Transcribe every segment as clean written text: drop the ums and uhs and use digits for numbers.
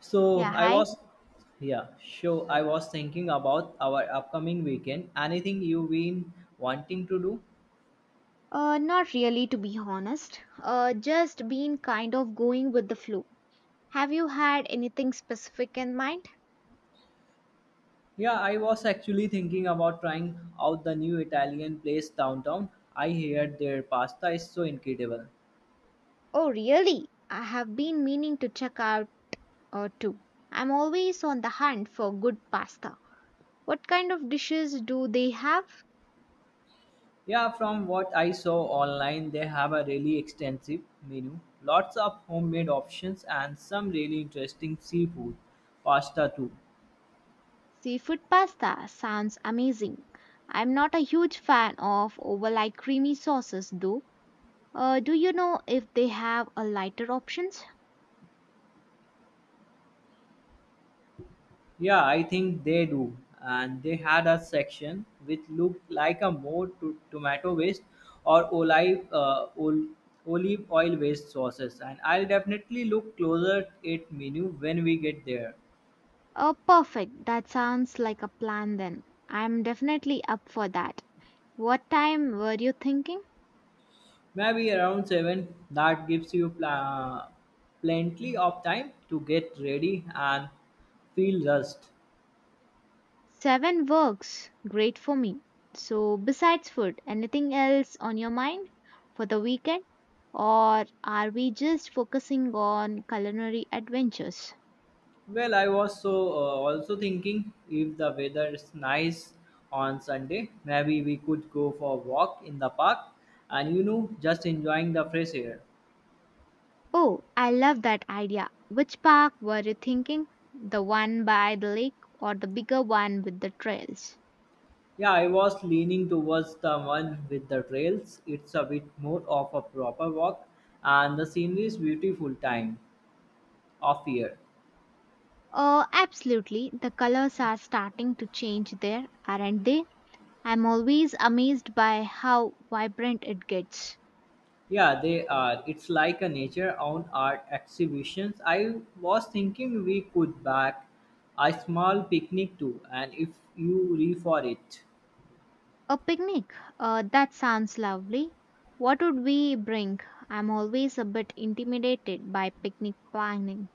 So Yeah, I hi. was, yeah, sure. I was thinking about our upcoming weekend. Anything you've been wanting to do? Not really, to be honest. Just been kind of going with the flow. Have you had anything specific in mind? Yeah, I was actually thinking about trying out the new Italian place downtown. I heard their pasta is so incredible. Oh, really? I have been meaning to check out too. I'm always on the hunt for good pasta. What kind of dishes do they have? Yeah, from what I saw online, they have a really extensive menu, lots of homemade options, and some really interesting seafood pasta too. Seafood pasta sounds amazing. I'm not a huge fan of overly creamy sauces though. Do you know if they have a lighter options? Yeah, I think they do. And they had a section which looked like a more to tomato waste or olive oil based sauces. And I'll definitely look closer at it menu when we get there. Oh, perfect. That sounds like a plan then. I'm definitely up for that. What time were you thinking? Maybe around seven. That gives you plenty of time to get ready and feel rust. Seven works. Great for me. So, besides food, anything else on your mind for the weekend? Or are we just focusing on culinary adventures? Well, I was also thinking if the weather is nice on Sunday, maybe we could go for a walk in the park and you know, just enjoying the fresh air. Oh, I love that idea. Which park were you thinking? The one by the lake or the bigger one with the trails? Yeah, I was leaning towards the one with the trails. It's a bit more of a proper walk and the scenery is beautiful time of year. Absolutely. The colors are starting to change there, aren't they? I'm always amazed by how vibrant it gets. Yeah, they are. It's like a nature own art exhibitions. I was thinking we could back a small picnic too, and if you re for it. A picnic. That sounds lovely. What would we bring? I'm always a bit intimidated by picnic planning.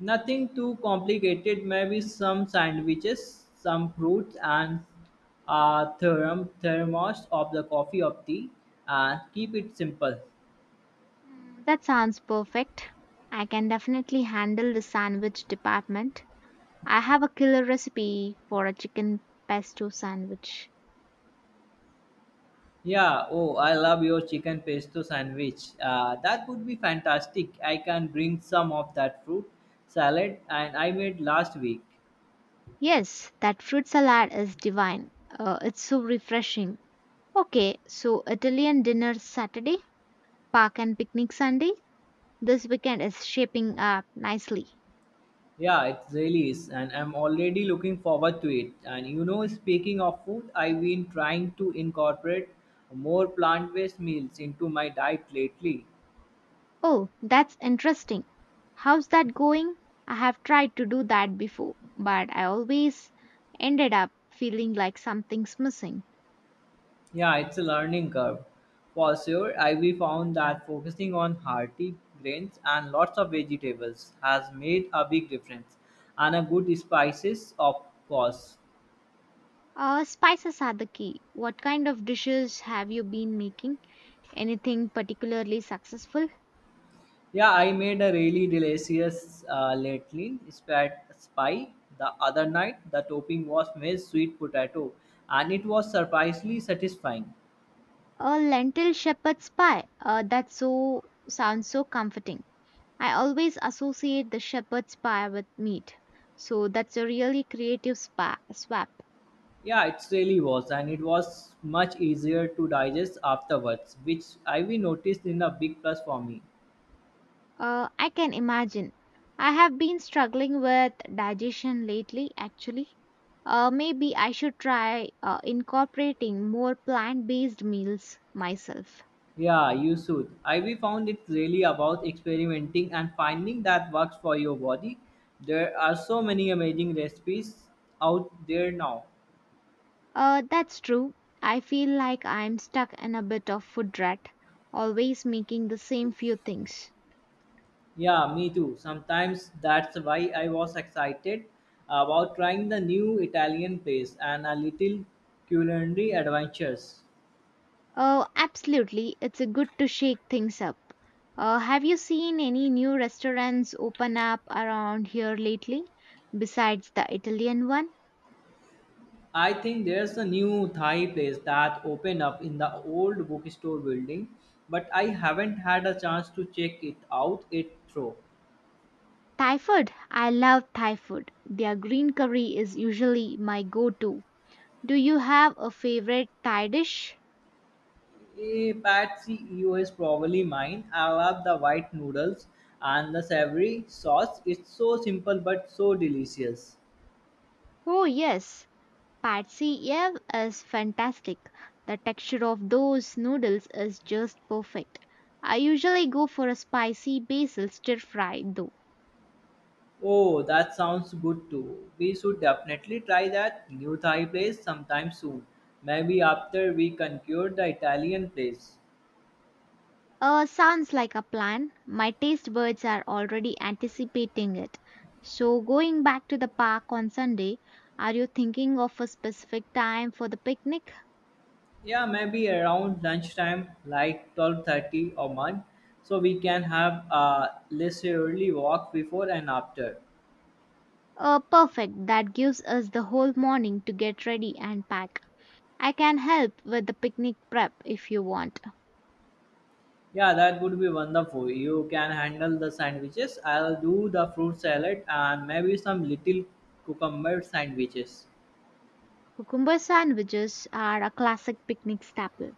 Nothing too complicated, maybe some sandwiches, some fruits, and a thermos of the coffee or tea, and keep it simple. Mm, that sounds perfect. I can definitely handle the sandwich department. I have a killer recipe for a chicken pesto sandwich. Yeah, oh, I love your chicken pesto sandwich. That would be fantastic. I can bring some of that fruit salad and I made last week. Yes, that fruit salad is divine. It's so refreshing. Okay, so Italian dinner Saturday, park and picnic Sunday. This weekend is shaping up nicely. Yeah, it really is, and I'm already looking forward to it. And you know, speaking of food, I've been trying to incorporate more plant-based meals into my diet lately. Oh, that's interesting. How's that going? I have tried to do that before, but I always ended up feeling like something's missing. Yeah, it's a learning curve. For sure, I we found that focusing on hearty grains and lots of vegetables has made a big difference and a good spices of course. Spices are the key. What kind of dishes have you been making? Anything particularly successful? Yeah, I made a really delicious lately spat spy the other night. The topping was maize sweet potato and it was surprisingly satisfying. A lentil shepherd's pie. That sounds so comforting. I always associate the shepherd's pie with meat, so that's a really creative swap. Yeah, it really was and it was much easier to digest afterwards, which I we noticed in a big plus for me. I can imagine. I have been struggling with digestion lately, actually. Maybe I should try incorporating more plant based meals myself. Yeah, you should. I we found it's really about experimenting and finding that works for your body. There are so many amazing recipes out there now. That's true. I feel like I'm stuck in a bit of food rut, always making the same few things. Yeah, me too. Sometimes that's why I was excited about trying the new Italian place and a little culinary adventures. Oh, absolutely. It's a good to shake things up. Have you seen any new restaurants open up around here lately besides the Italian one? I think there's a new Thai place that opened up in the old bookstore building, but I haven't had a chance to check it out it through. Thai food. I love Thai food. Their green curry is usually my go to. Do you have a favorite Thai dish? A bad CEO is probably mine. I love the white noodles and the savory sauce. It's so simple but so delicious. Oh, yes. Pad see ew is fantastic. The texture of those noodles is just perfect. I usually go for a spicy basil stir fry though. Oh, that sounds good too. We should definitely try that new Thai place sometime soon. Maybe after we concur the Italian place. Sounds like a plan. My taste buds are already anticipating it. So, going back to the park on Sunday, are you thinking of a specific time for the picnic? Yeah, maybe around lunchtime, like 12:30 or 1, so we can have a leisurely walk before and after. Perfect. That gives us the whole morning to get ready and pack. I can help with the picnic prep if you want. Yeah, that would be wonderful. You can handle the sandwiches. I'll do the fruit salad and maybe some little cucumber sandwiches. Cucumber sandwiches are a classic picnic staple.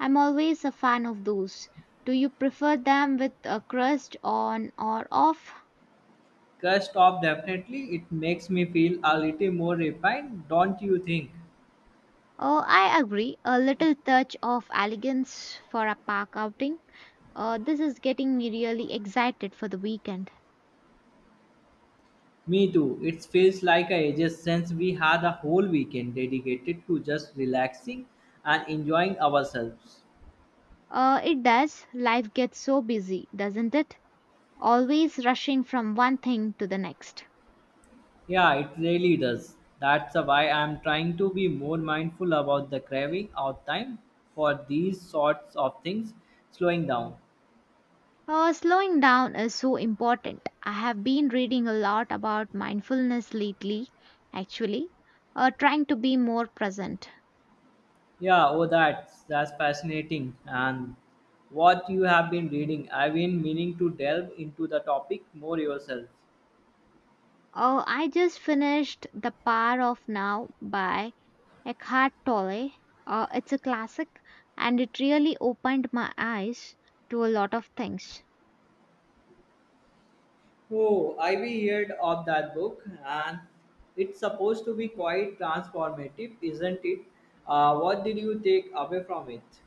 I'm always a fan of those. Do you prefer them with a crust on or off? Crust off, definitely. It makes me feel a little more refined, don't you think? Oh, I agree. A little touch of elegance for a park outing. This is getting me really excited for the weekend. Me too. It feels like ages since we had a whole weekend dedicated to just relaxing and enjoying ourselves. It does. Life gets so busy, doesn't it? Always rushing from one thing to the next. Yeah, it really does. That's why I'm trying to be more mindful about the craving out time for these sorts of things, slowing down. Slowing down is so important. I have been reading a lot about mindfulness lately, actually, trying to be more present. Yeah, oh, that's fascinating. And what you have been reading, I've been meaning to delve into the topic more yourself. Oh, I just finished The Power of Now by Eckhart Tolle. It's a classic and it really opened my eyes to a lot of things. Oh, I've heard of that book, and it's supposed to be quite transformative, isn't it? What did you take away from it?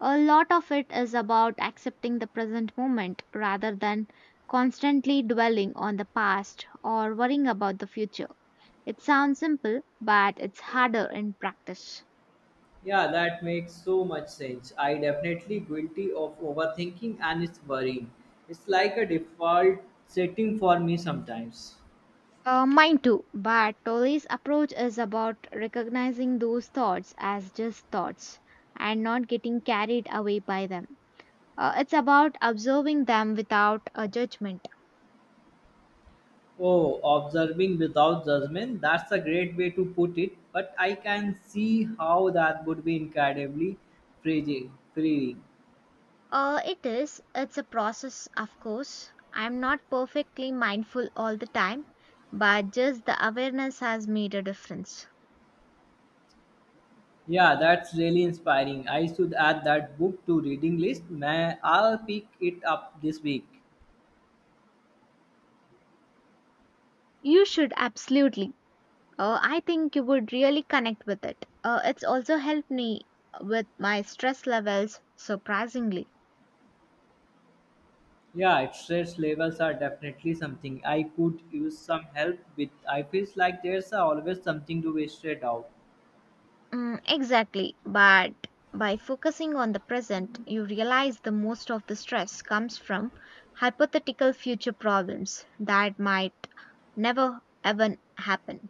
A lot of it is about accepting the present moment rather than constantly dwelling on the past or worrying about the future. It sounds simple, but it's harder in practice. Yeah, that makes so much sense. I definitely guilty of overthinking and it's worrying. It's like a default setting for me sometimes. Mine too, but Tolly's approach is about recognizing those thoughts as just thoughts and not getting carried away by them. It's about observing them without a judgment. Oh, observing without judgment, that's a great way to put it, but I can see how that would be incredibly freeing. It is. It's a process, of course. I'm not perfectly mindful all the time, but just the awareness has made a difference. Yeah, that's really inspiring. I should add that book to reading list. May I'll pick it up this week. You should absolutely. I think you would really connect with it. It's also helped me with my stress levels, surprisingly. Yeah, stress levels are definitely something. I could use some help with. I feels like there's always something to be straight out. Mm, exactly. But by focusing on the present, you realize the most of the stress comes from hypothetical future problems that might never ever happen.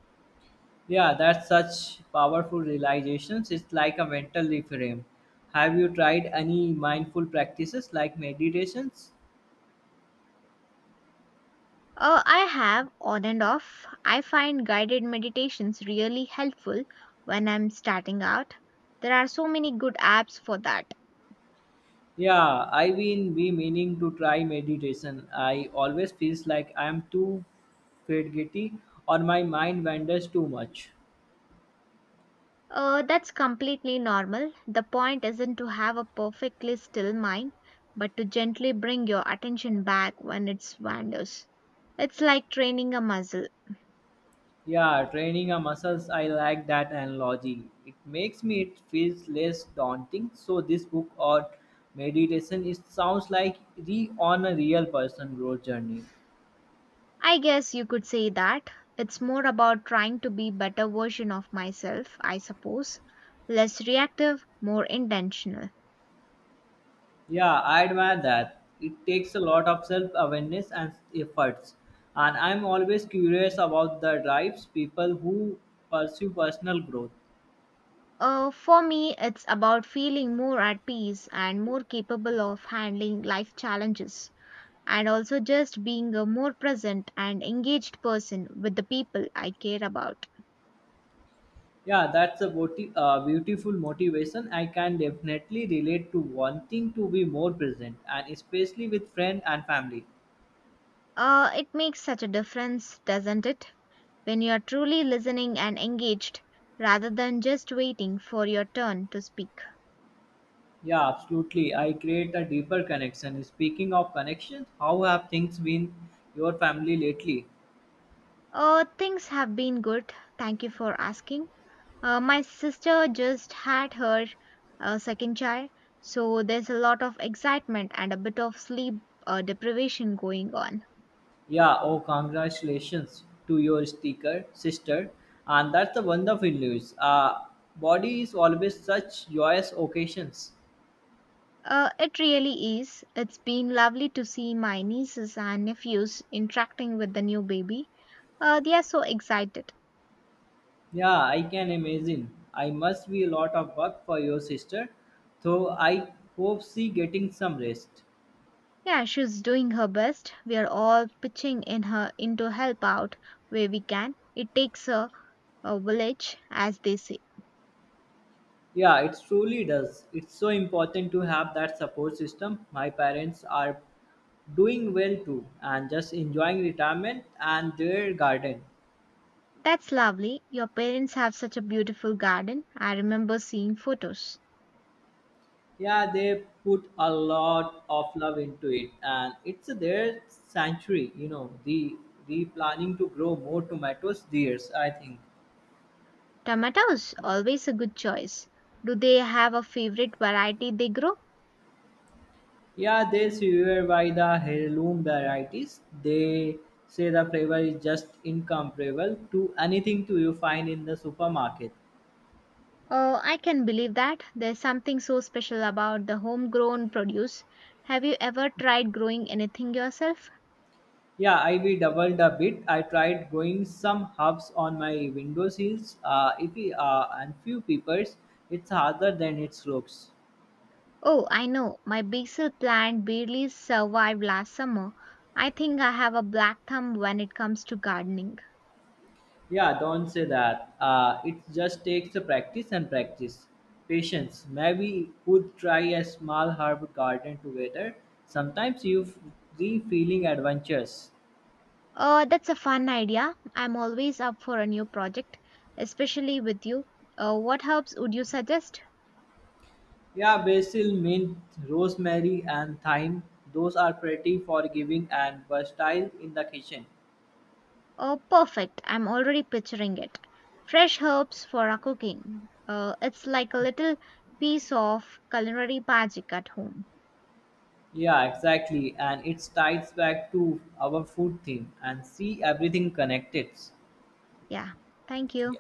Yeah, that's such powerful realizations. It's like a mental reframe. Have you tried any mindful practices like meditations? I have on and off. I find guided meditations really helpful when I'm starting out. There are so many good apps for that. Yeah, I've been be meaning to try meditation. I always feels like I'm too fidgety or my mind wanders too much. That's completely normal. The point isn't to have a perfectly still mind, but to gently bring your attention back when it wanders. It's like training a muscle. Yeah, training a muscles, I like that analogy. It makes me it feels less daunting. So this book or meditation it sounds like re on a real person growth journey. I guess you could say that. It's more about trying to be better version of myself, I suppose. Less reactive, more intentional. Yeah, I admire that. It takes a lot of self awareness and efforts. And I'm always curious about the drives people who pursue personal growth. For me, it's about feeling more at peace and more capable of handling life challenges. And also just being a more present and engaged person with the people I care about. Yeah, that's a beautiful motivation. I can definitely relate to wanting to be more present, and especially with friend and family. It makes such a difference, doesn't it? When you're truly listening and engaged rather than just waiting for your turn to speak. Yeah, absolutely. I create a deeper connection. Speaking of connections, how have things been your family lately? Things have been good. Thank you for asking. My sister just had her second child, so there's a lot of excitement and a bit of sleep deprivation going on. Yeah, oh, congratulations to your sticker sister, and that's the wonderful news. Body is always such joyous occasions. It really is. It's been lovely to see my nieces and nephews interacting with the new baby. They are so excited. Yeah, I can imagine. I must be a lot of work for your sister, though I hope she getting some rest. Yeah, she's doing her best. We are all pitching in to help out where we can. It takes a village, as they say. Yeah, it truly does. It's so important to have that support system. My parents are doing well too and just enjoying retirement and their garden. That's lovely. Your parents have such a beautiful garden. I remember seeing photos. Yeah, they put a lot of love into it and it's their sanctuary, you know, the planning to grow more tomatoes this years. I think. Tomatoes, always a good choice. Do they have a favorite variety they grow? Yeah, they swear by the heirloom varieties. They say the flavor is just incomparable to anything to you find in the supermarket. Oh, I can believe that. There's something so special about the homegrown produce. Have you ever tried growing anything yourself? Yeah, I we doubled a bit. I tried growing some herbs on my window sills. If we, and few peppers, it's harder than it looks. Oh, I know. My basil plant barely survived last summer. I think I have a black thumb when it comes to gardening. Yeah, don't say that. It just takes a practice and practice. Patience. Maybe could try a small herb garden together. Sometimes the feeling adventures. Oh, that's a fun idea. I'm always up for a new project, especially with you. What herbs would you suggest? Yeah, basil, mint, rosemary, and thyme. Those are pretty forgiving and versatile in the kitchen. Oh, perfect. I'm already picturing it. Fresh herbs for our cooking. It's like a little piece of culinary magic at home. Yeah, exactly. And it ties back to our food theme and see everything connected. Yeah. Thank you.